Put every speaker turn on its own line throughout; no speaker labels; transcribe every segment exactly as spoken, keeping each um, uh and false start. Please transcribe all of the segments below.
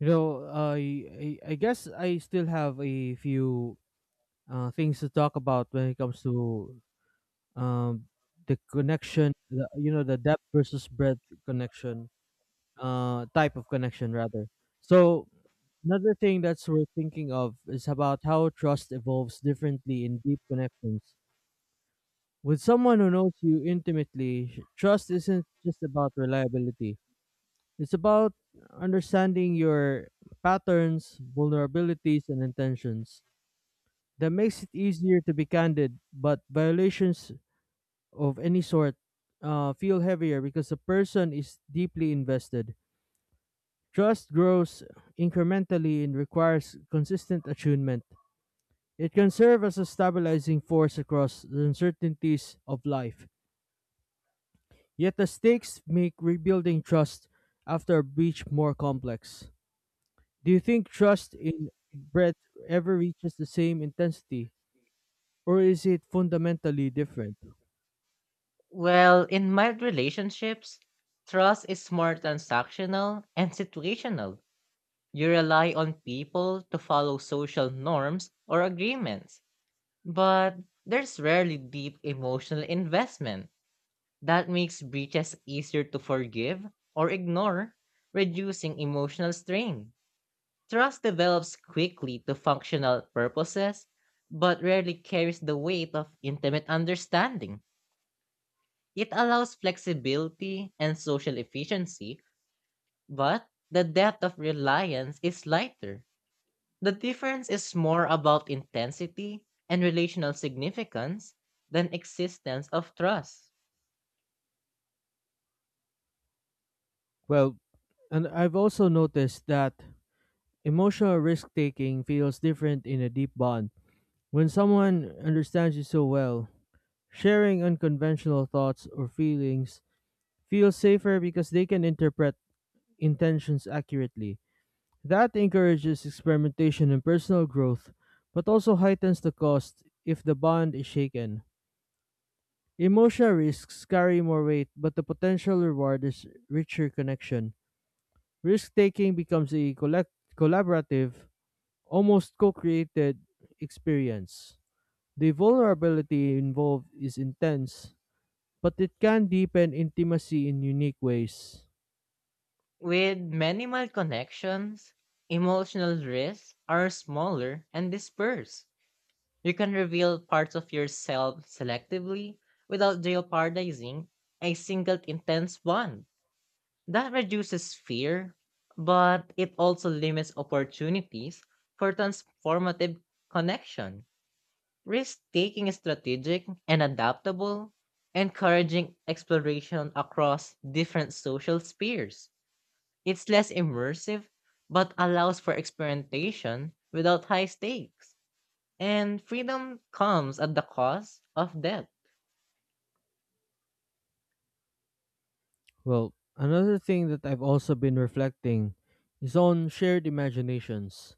You know, I I, I guess I still have a few uh, things to talk about when it comes to um, the connection, the, you know, the depth versus breadth connection, uh, type of connection rather. So another thing that's worth thinking of is about how trust evolves differently in deep connections. With someone who knows you intimately, trust isn't just about reliability. It's about understanding your patterns, vulnerabilities, and intentions. That makes it easier to be candid, but violations of any sort uh, feel heavier because the person is deeply invested. Trust grows incrementally and requires consistent attunement. It can serve as a stabilizing force across the uncertainties of life. Yet the stakes make rebuilding trust after a breach more complex. Do you think trust in breath ever reaches the same intensity, or is it fundamentally different?
Well, in mild relationships, trust is more transactional and situational. You rely on people to follow social norms or agreements, but there's rarely deep emotional investment. That makes breaches easier to forgive or ignore, reducing emotional strain. Trust develops quickly to functional purposes, but rarely carries the weight of intimate understanding. It allows flexibility and social efficiency, but the depth of reliance is lighter. The difference is more about intensity and relational significance than existence of trust.
Well, and I've also noticed that emotional risk taking feels different in a deep bond. When someone understands you so well, sharing unconventional thoughts or feelings feels safer because they can interpret intentions accurately. That encourages experimentation and personal growth, but also heightens the cost if the bond is shaken. Emotional risks carry more weight, but the potential reward is richer connection. Risk taking becomes a collect- collaborative, almost co created experience. The vulnerability involved is intense, but it can deepen intimacy in unique ways.
With minimal connections, emotional risks are smaller and dispersed. You can reveal parts of yourself selectively without jeopardizing a single intense bond. That reduces fear, but it also limits opportunities for transformative connection. Risk taking is strategic and adaptable, encouraging exploration across different social spheres. It's less immersive, but allows for experimentation without high stakes. And freedom comes at the cost of depth.
Well, another thing that I've also been reflecting is on shared imaginations.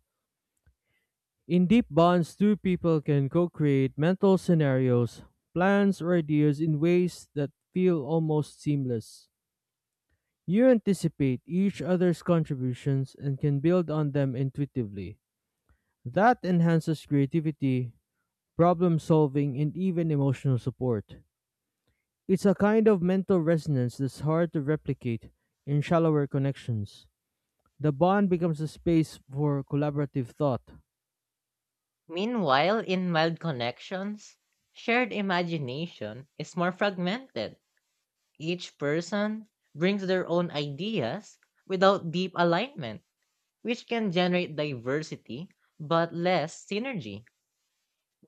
In deep bonds, two people can co create mental scenarios, plans, or ideas in ways that feel almost seamless. You anticipate each other's contributions and can build on them intuitively. That enhances creativity, problem solving, and even emotional support. It's a kind of mental resonance that's hard to replicate in shallower connections. The bond becomes a space for collaborative thought.
Meanwhile, in mild connections, shared imagination is more fragmented. Each person brings their own ideas without deep alignment, which can generate diversity but less synergy.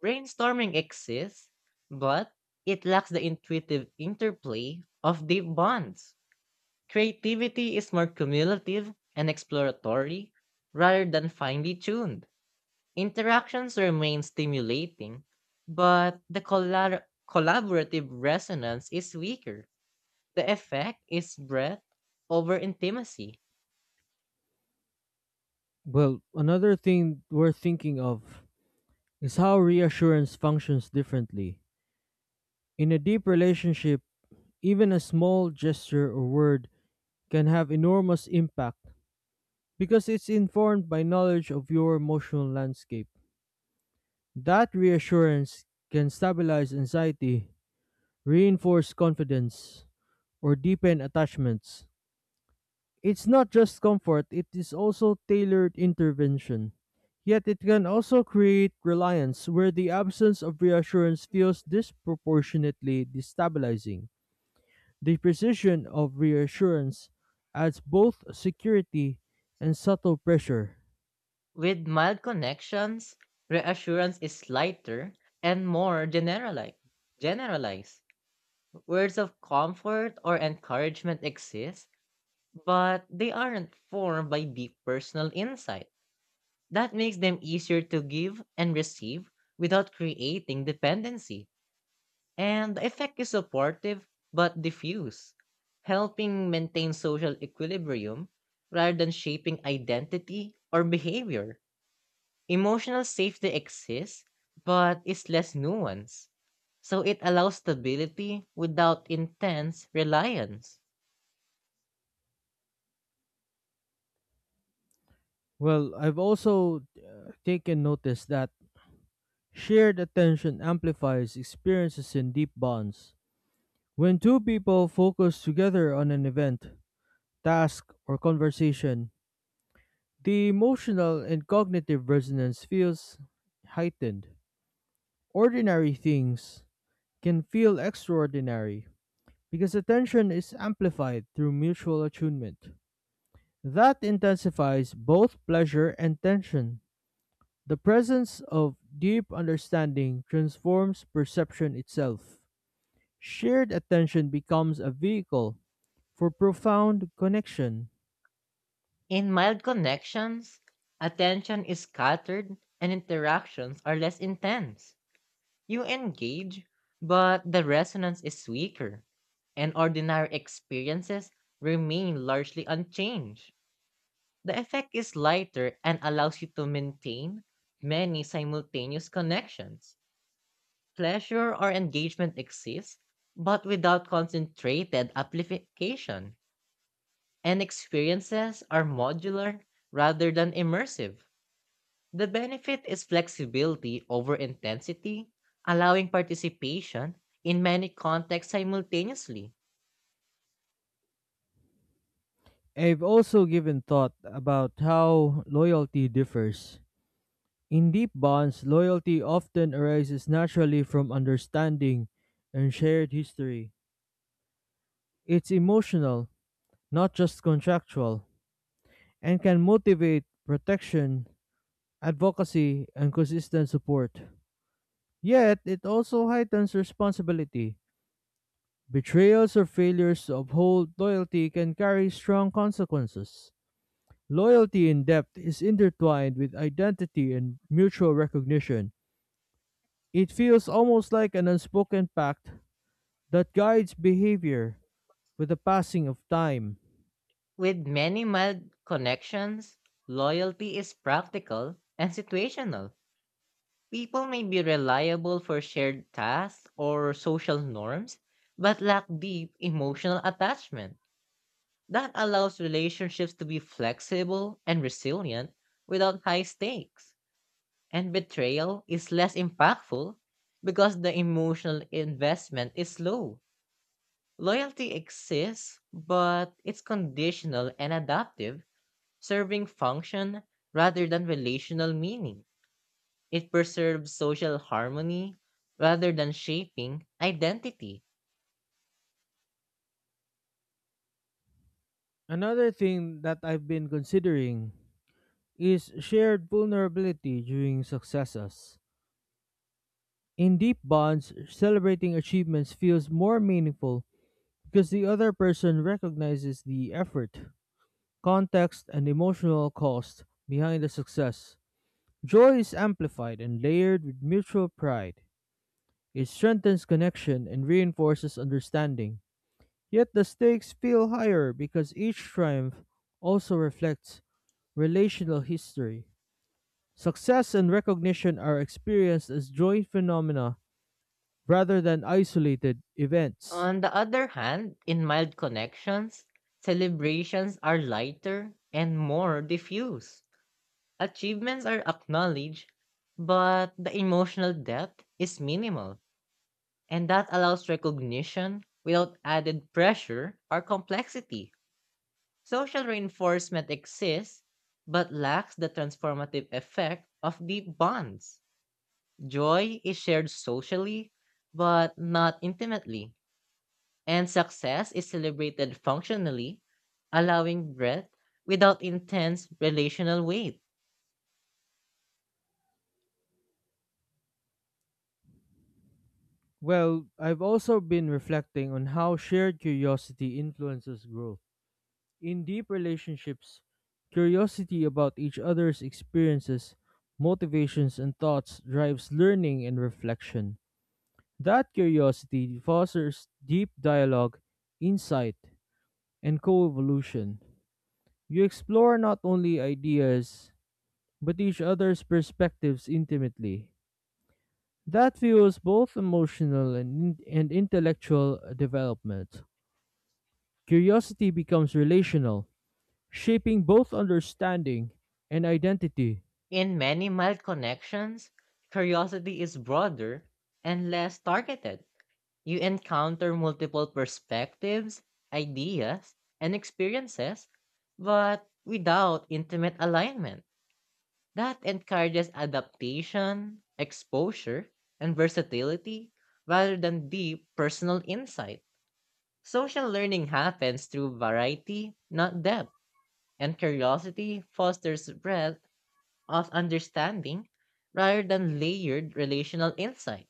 Brainstorming exists, but it lacks the intuitive interplay of deep bonds. Creativity is more cumulative and exploratory rather than finely tuned. Interactions remain stimulating, but the collab- collaborative resonance is weaker. The effect is breadth over intimacy.
Well, another thing worth thinking of is how reassurance functions differently. In a deep relationship, even a small gesture or word can have enormous impact because it's informed by knowledge of your emotional landscape. That reassurance can stabilize anxiety, reinforce confidence, or deepen attachments. It's not just comfort, it is also tailored intervention. Yet it can also create reliance where the absence of reassurance feels disproportionately destabilizing. The precision of reassurance adds both security and subtle pressure.
With mild connections, reassurance is lighter and more generalized. Generalized. Words of comfort or encouragement exist, but they aren't formed by deep personal insight. That makes them easier to give and receive without creating dependency. And the effect is supportive but diffuse, helping maintain social equilibrium rather than shaping identity or behavior. Emotional safety exists but is less nuanced, so it allows stability without intense reliance.
Well, I've also uh, taken notice that shared attention amplifies experiences in deep bonds. When two people focus together on an event, task, or conversation, the emotional and cognitive resonance feels heightened. Ordinary things can feel extraordinary because attention is amplified through mutual attunement. That intensifies both pleasure and tension. The presence of deep understanding transforms perception itself. Shared attention becomes a vehicle for profound connection.
In mild connections, attention is scattered and interactions are less intense. You engage, but the resonance is weaker, and ordinary experiences remain largely unchanged. The effect is lighter and allows you to maintain many simultaneous connections. Pleasure or engagement exists, but without concentrated amplification, and experiences are modular rather than immersive. The benefit is flexibility over intensity, allowing participation in many contexts simultaneously.
I've also given thought about how loyalty differs. In deep bonds, loyalty often arises naturally from understanding and shared history. It's emotional, not just contractual, and can motivate protection, advocacy, and consistent support. Yet, it also heightens responsibility. Betrayals or failures to uphold loyalty can carry strong consequences. Loyalty in depth is intertwined with identity and mutual recognition. It feels almost like an unspoken pact that guides behavior with the passing of time.
With many mild connections, loyalty is practical and situational. People may be reliable for shared tasks or social norms, but lack deep emotional attachment. That allows relationships to be flexible and resilient without high stakes. And betrayal is less impactful because the emotional investment is low. Loyalty exists, but it's conditional and adaptive, serving function rather than relational meaning. It preserves social harmony rather than shaping identity.
Another thing that I've been considering is shared vulnerability during successes. In deep bonds, celebrating achievements feels more meaningful because the other person recognizes the effort, context, and emotional cost behind the success. Joy is amplified and layered with mutual pride. It strengthens connection and reinforces understanding. Yet the stakes feel higher because each triumph also reflects relational history. Success and recognition are experienced as joint phenomena rather than isolated events.
On the other hand, in mild connections, celebrations are lighter and more diffuse. Achievements are acknowledged, but the emotional depth is minimal, and that allows recognition without added pressure or complexity. Social reinforcement exists, but lacks the transformative effect of deep bonds. Joy is shared socially, but not intimately, and success is celebrated functionally, allowing breadth without intense relational weight.
Well, I've also been reflecting on how shared curiosity influences growth. In deep relationships, curiosity about each other's experiences, motivations, and thoughts drives learning and reflection. That curiosity fosters deep dialogue, insight, and co evolution. You explore not only ideas, but each other's perspectives intimately. That fuels both emotional and, and intellectual development. Curiosity becomes relational, shaping both understanding and identity.
In many mild connections, curiosity is broader and less targeted. You encounter multiple perspectives, ideas, and experiences, but without intimate alignment. That encourages adaptation, exposure, and versatility rather than deep personal insight. Social learning happens through variety, not depth, and curiosity fosters breadth of understanding rather than layered relational insight.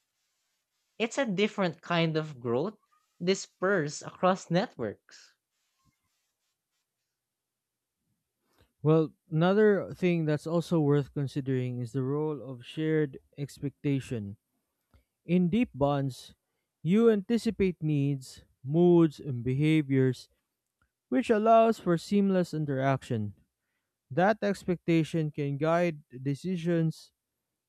It's a different kind of growth dispersed across networks.
Well, another thing that's also worth considering is the role of shared expectation. In deep bonds, you anticipate needs, moods, and behaviors, which allows for seamless interaction. That expectation can guide decisions,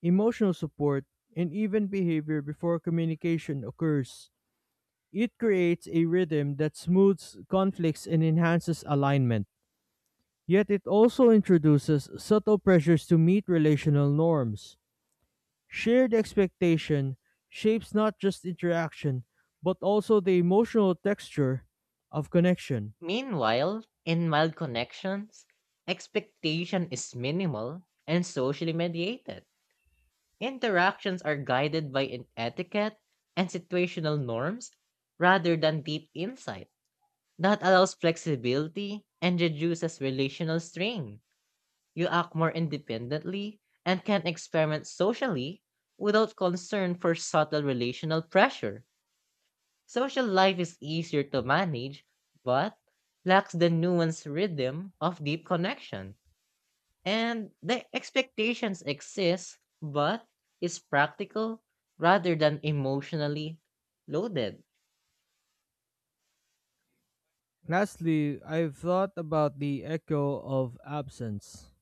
emotional support, and even behavior before communication occurs. It creates a rhythm that smooths conflicts and enhances alignment. Yet it also introduces subtle pressures to meet relational norms. Shared expectation shapes not just interaction, but also the emotional texture of connection.
Meanwhile, in mild connections, expectation is minimal and socially mediated. Interactions are guided by an etiquette and situational norms rather than deep insight. That allows flexibility and reduces relational strain. You act more independently and can experiment socially without concern for subtle relational pressure. Social life is easier to manage, but lacks the nuanced rhythm of deep connection. And the expectations exist, but is practical rather than emotionally loaded.
Lastly, I've thought about the echo of absence.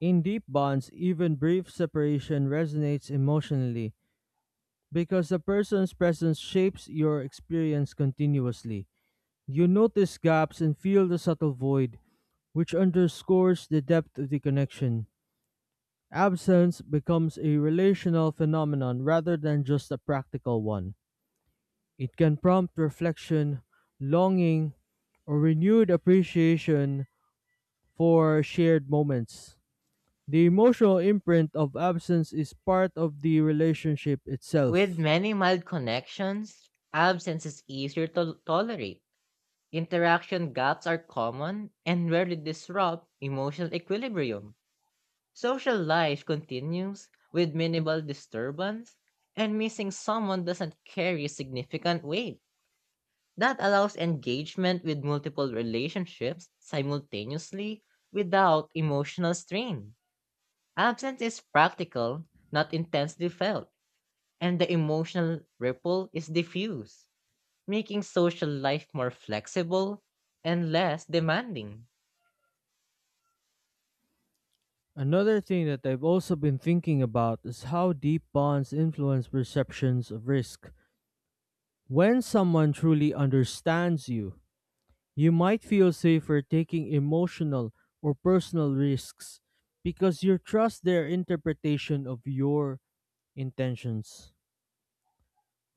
In deep bonds, even brief separation resonates emotionally because the person's presence shapes your experience continuously. You notice gaps and feel the subtle void, which underscores the depth of the connection. Absence becomes a relational phenomenon rather than just a practical one. It can prompt reflection, longing, or renewed appreciation for shared moments. The emotional imprint of absence is part of the relationship
With
itself.
many mild connections, absence is easier to tolerate. Interaction gaps are common and rarely disrupt emotional equilibrium. Social life continues with minimal disturbance, and missing someone doesn't carry significant weight. That allows engagement with multiple relationships simultaneously without emotional strain. Absence is practical, not intensely felt, and the emotional ripple is diffuse, making social life more flexible and less demanding.
Another thing that I've also been thinking about is how deep bonds influence perceptions of risk. When someone truly understands you, you might feel safer taking emotional or personal risks because you trust their interpretation of your intentions.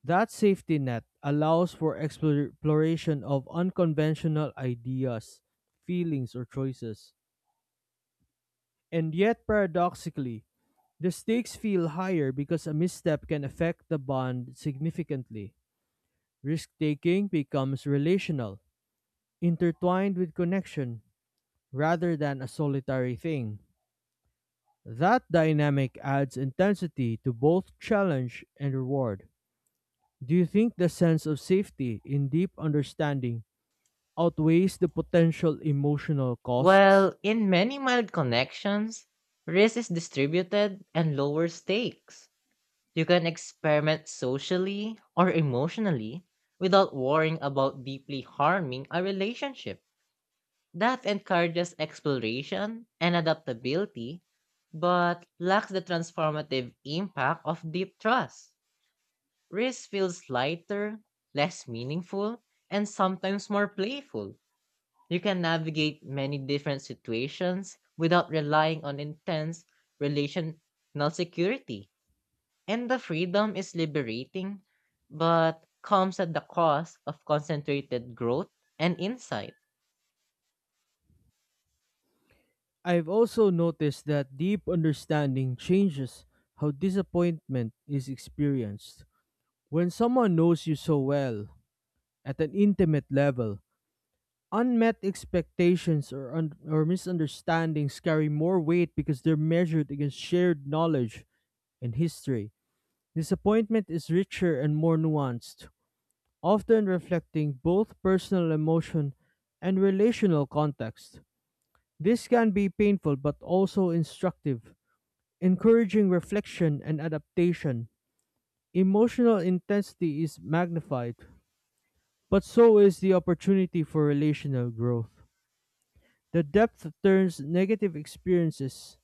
That safety net allows for explor- exploration of unconventional ideas, feelings, or choices. And yet, paradoxically, the stakes feel higher because a misstep can affect the bond significantly. Risk taking becomes relational, intertwined with connection, rather than a solitary thing. That dynamic adds intensity to both challenge and reward. Do you think the sense of safety in deep understanding outweighs the potential emotional costs?
Well, in many mild connections, risk is distributed and lower stakes. You can experiment socially or emotionally without worrying about deeply harming a relationship. That encourages exploration and adaptability, but lacks the transformative impact of deep trust. Risk feels lighter, less meaningful, and sometimes more playful. You can navigate many different situations without relying on intense relational security. And the freedom is liberating, but comes at the cost of concentrated growth and insight.
I've also noticed that deep understanding changes how disappointment is experienced. When someone knows you so well, at an intimate level, unmet expectations or, un- or misunderstandings carry more weight because they're measured against shared knowledge and history. Disappointment is richer and more nuanced, often reflecting both personal emotion and relational context. This can be painful but also instructive, encouraging reflection and adaptation. Emotional intensity is magnified, but so is the opportunity for relational growth. The depth turns negative experiences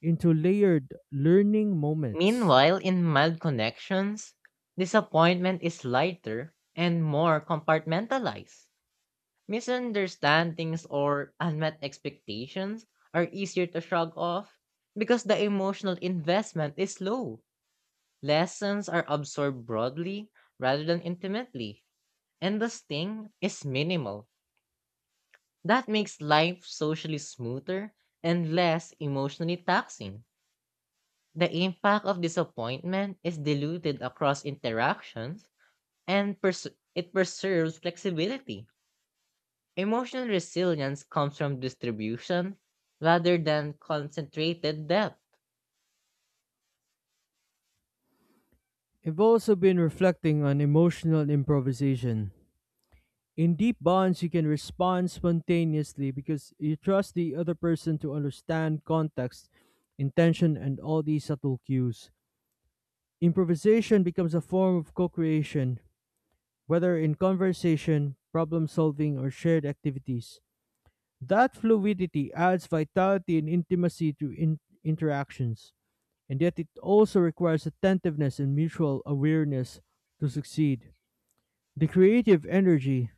into layered learning moments.
Meanwhile, in mild connections, disappointment is lighter and more compartmentalized. Misunderstandings or unmet expectations are easier to shrug off because the emotional investment is low. Lessons are absorbed broadly rather than intimately, and the sting is minimal. That makes life socially smoother and less emotionally taxing. The impact of disappointment is diluted across interactions and pers- it preserves flexibility. Emotional resilience comes from distribution rather than concentrated depth.
I've also been reflecting on emotional improvisation. In deep bonds, you can respond spontaneously because you trust the other person to understand context, intention, and all these subtle cues. Improvisation becomes a form of co creation, whether in conversation, problem solving, or shared activities. That fluidity adds vitality and intimacy to in- interactions, and yet it also requires attentiveness and mutual awareness to succeed. The creative energy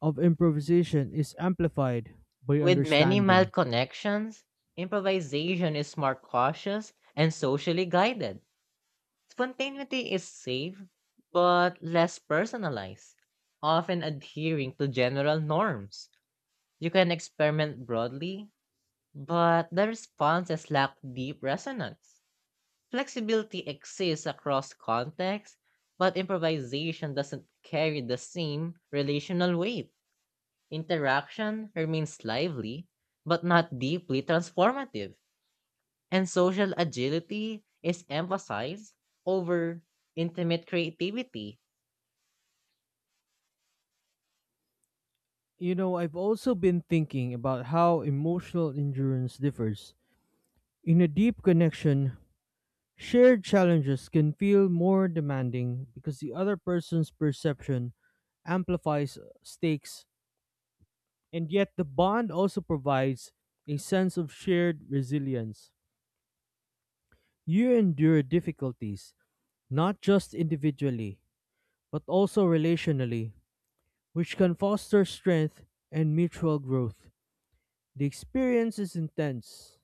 of improvisation is amplified by
With many
understanding.
mild connections, improvisation is more cautious and socially guided. Spontaneity is safe, but less personalized, often adhering to general norms. You can experiment broadly, but the responses lack deep resonance. Flexibility exists across contexts, but improvisation doesn't carry the same relational weight. Interaction remains lively, but not deeply transformative. And social agility is emphasized over intimate creativity.
You know, I've also been thinking about how emotional endurance differs. In a deep connection, shared challenges can feel more demanding because the other person's perception amplifies stakes, and yet the bond also provides a sense of shared resilience. You endure difficulties, not just individually, but also relationally, which can foster strength and mutual growth. The experience is intense,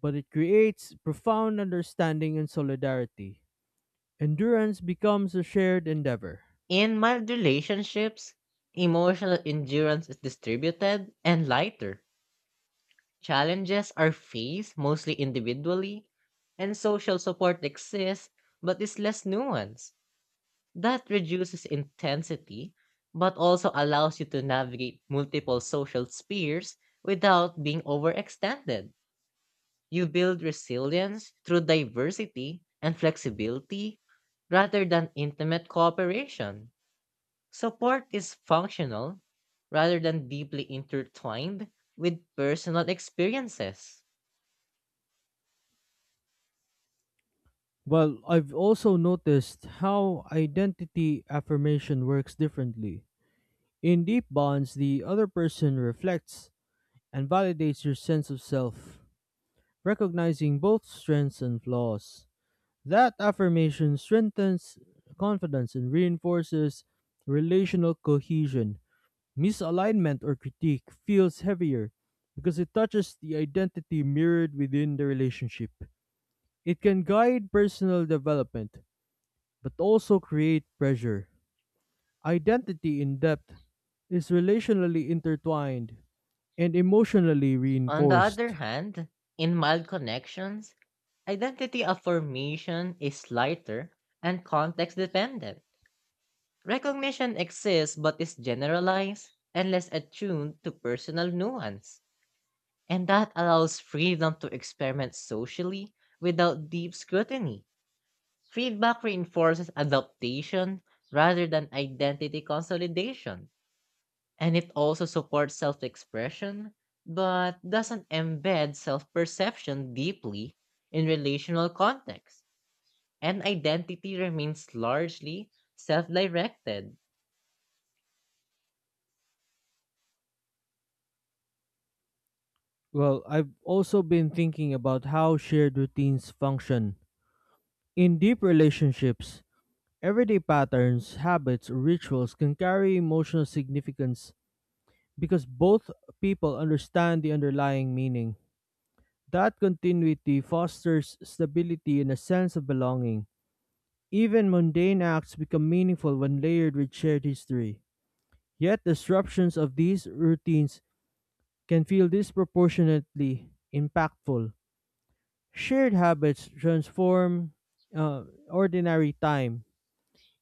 but it creates profound understanding and solidarity. Endurance becomes a shared endeavor.
In mild relationships, emotional endurance is distributed and lighter. Challenges are faced mostly individually, and social support exists but is less nuanced. That reduces intensity but also allows you to navigate multiple social spheres without being overextended. You build resilience through diversity and flexibility rather than intimate cooperation. Support is functional rather than deeply intertwined with personal experiences.
Well, I've also noticed how identity affirmation works differently. In deep bonds, the other person reflects and validates your sense of self, recognizing both strengths and flaws. That affirmation strengthens confidence and reinforces relational cohesion. Misalignment or critique feels heavier because it touches the identity mirrored within the relationship. It can guide personal development, but also create pressure. Identity in depth is relationally intertwined and emotionally
On the other
reinforced.
hand, in mild connections, identity affirmation is lighter and context dependent. Recognition exists but is generalized and less attuned to personal nuance. And that allows freedom to experiment socially without deep scrutiny. Feedback reinforces adaptation rather than identity consolidation. And it also supports self expression, but doesn't embed self perception deeply in relational context. And identity remains largely self directed.
Well, I've also been thinking about how shared routines function. In deep relationships, everyday patterns, habits, rituals can carry emotional significance because both people understand the underlying meaning. That continuity fosters stability and a sense of belonging. Even mundane acts become meaningful when layered with shared history. Yet, disruptions of these routines can feel disproportionately impactful. Shared habits transform uh, ordinary time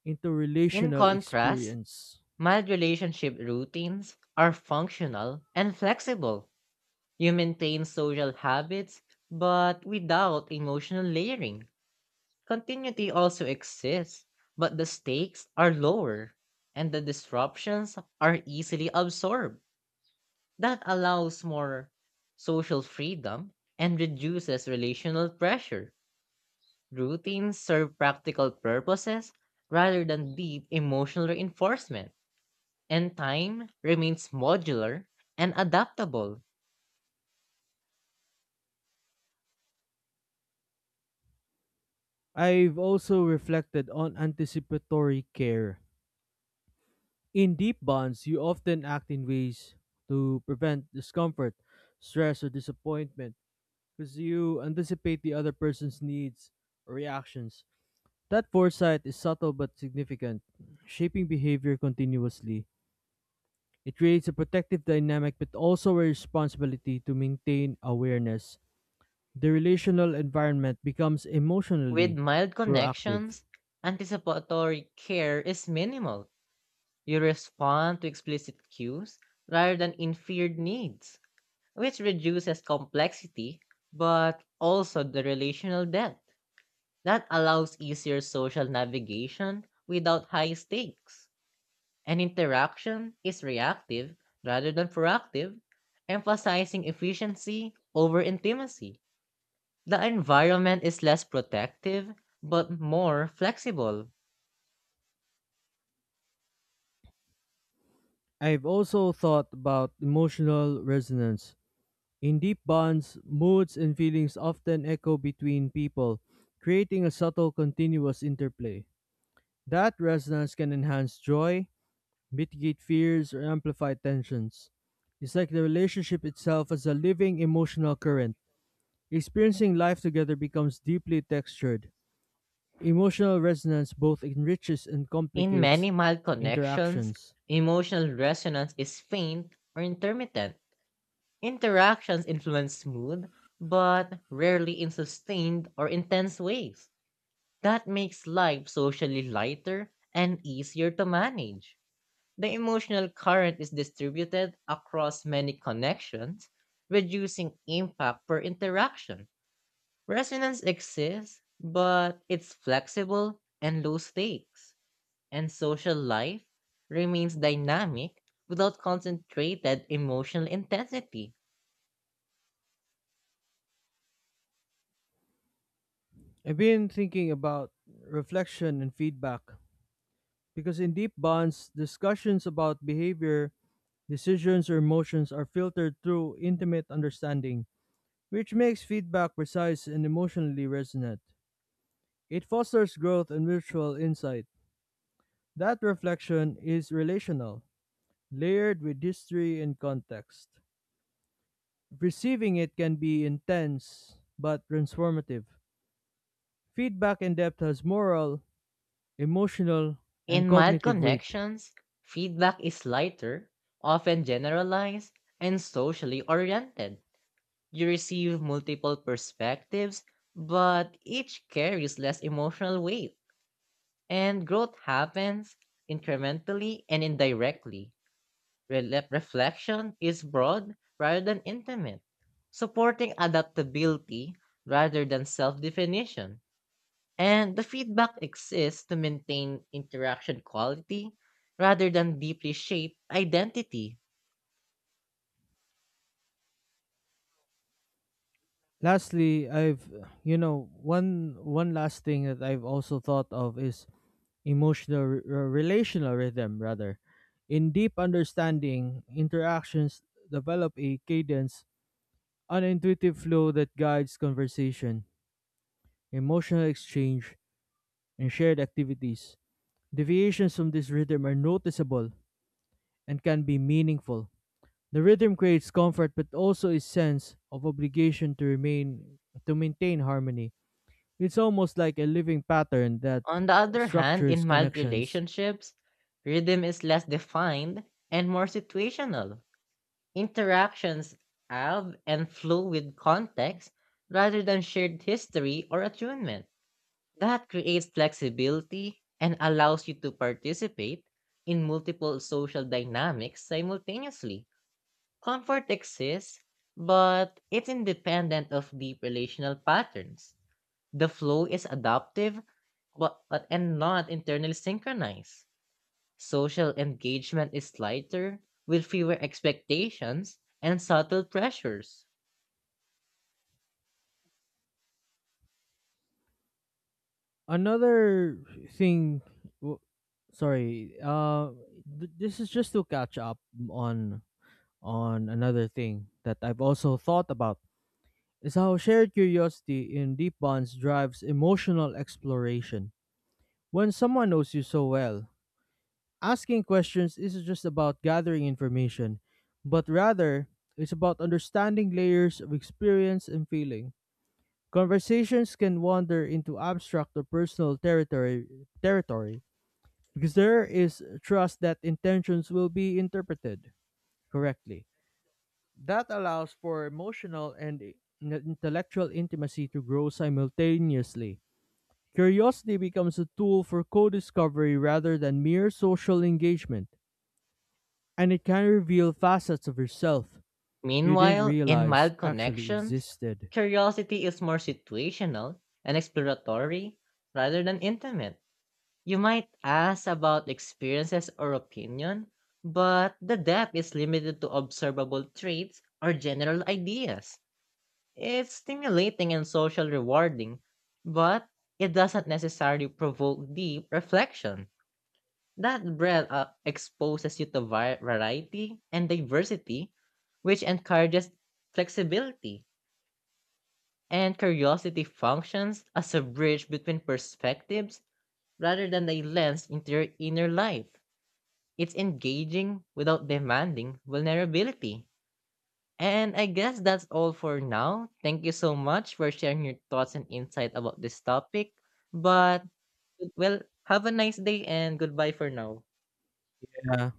into
In
relational
contrast,
experience.
mild relationship routines are functional and flexible. You maintain social habits, but without emotional layering. Continuity also exists, but the stakes are lower and the disruptions are easily absorbed. That allows more social freedom and reduces relational pressure. Routines serve practical purposes rather than deep emotional reinforcement, and time remains modular and adaptable.
I've also reflected on anticipatory care. In deep bonds, you often act in ways to prevent discomfort, stress, or disappointment because you anticipate the other person's needs or reactions. That foresight is subtle but significant, shaping behavior continuously. It creates a protective dynamic but also a responsibility to maintain awareness. The relational environment becomes
With
emotionally
mild
proactive.
connections, anticipatory care is minimal. You respond to explicit cues rather than inferred needs, which reduces complexity but also the relational depth. That allows easier social navigation without high stakes. And interaction is reactive rather than proactive, emphasizing efficiency over intimacy. The environment is less protective but more flexible.
I've also thought about emotional resonance. In deep bonds, moods and feelings often echo between people, creating a subtle continuous interplay. That resonance can enhance joy, mitigate fears, or amplify tensions. It's like the relationship itself as a living emotional current. Experiencing life together becomes deeply textured. Emotional resonance both enriches and
In
complicates
many mild connections,
interactions.
emotional resonance is faint or intermittent. Interactions influence mood, but rarely in sustained or intense ways. That makes life socially lighter and easier to manage. The emotional current is distributed across many connections, reducing impact per interaction. Resonance exists, but it's flexible and low stakes, and social life remains dynamic without concentrated emotional intensity.
I've been thinking about reflection and feedback because in deep bonds, discussions about behavior, decisions, or emotions are filtered through intimate understanding, which makes feedback precise and emotionally resonant. It fosters growth and mutual insight. That reflection is relational, layered with history and context. Receiving it can be intense but transformative. Feedback in depth has moral, emotional, and
In mild
cognitive weight.
connections, feedback is lighter, often generalized, and socially oriented. You receive multiple perspectives, but each carries less emotional weight, and growth happens incrementally and indirectly. Rele- reflection is broad rather than intimate, supporting adaptability rather than self definition. And the feedback exists to maintain interaction quality rather than deeply shape identity.
Lastly, I've, you know, one one last thing that I've also thought of is emotional r- r- relational rhythm rather. In deep understanding, interactions develop a cadence, an intuitive flow that guides conversation, emotional exchange, and shared activities. Deviations from this rhythm are noticeable and can be meaningful. The rhythm creates comfort but also a sense of obligation to remain to maintain harmony. It's almost like a living pattern that
On the
uh,
other hand, in
structures
mild
connections.
relationships, rhythm is less defined and more situational. Interactions have and flow with context rather than shared history or attunement. That creates flexibility and allows you to participate in multiple social dynamics simultaneously. Comfort exists, but it's independent of deep relational patterns. The flow is adaptive but, but and not internally synchronized. Social engagement is lighter with fewer expectations and subtle pressures.
Another thing w- sorry, uh th- This is just to catch up on on another thing that I've also thought about, is how shared curiosity in deep bonds drives emotional exploration. When someone knows you so well, asking questions isn't just about gathering information, but rather, it's about understanding layers of experience and feeling. Conversations can wander into abstract or personal territory, territory because there is trust that intentions will be interpreted correctly. That allows for emotional and i- n- intellectual intimacy to grow simultaneously. Curiosity becomes a tool for co discovery rather than mere social engagement. And it can reveal facets of yourself you didn't
Meanwhile, in
realize
mild
actually
connections,
existed.
curiosity is more situational and exploratory rather than intimate. You might ask about experiences or opinion, but the depth is limited to observable traits or general ideas. It's stimulating and social rewarding, but it doesn't necessarily provoke deep reflection. That breadth uh, exposes you to var- variety and diversity, which encourages flexibility. And curiosity functions as a bridge between perspectives rather than a lens into your inner life. It's engaging without demanding vulnerability. And I guess that's all for now. Thank you so much for sharing your thoughts and insight about this topic. But, well, have a nice day and goodbye for now.
Yeah.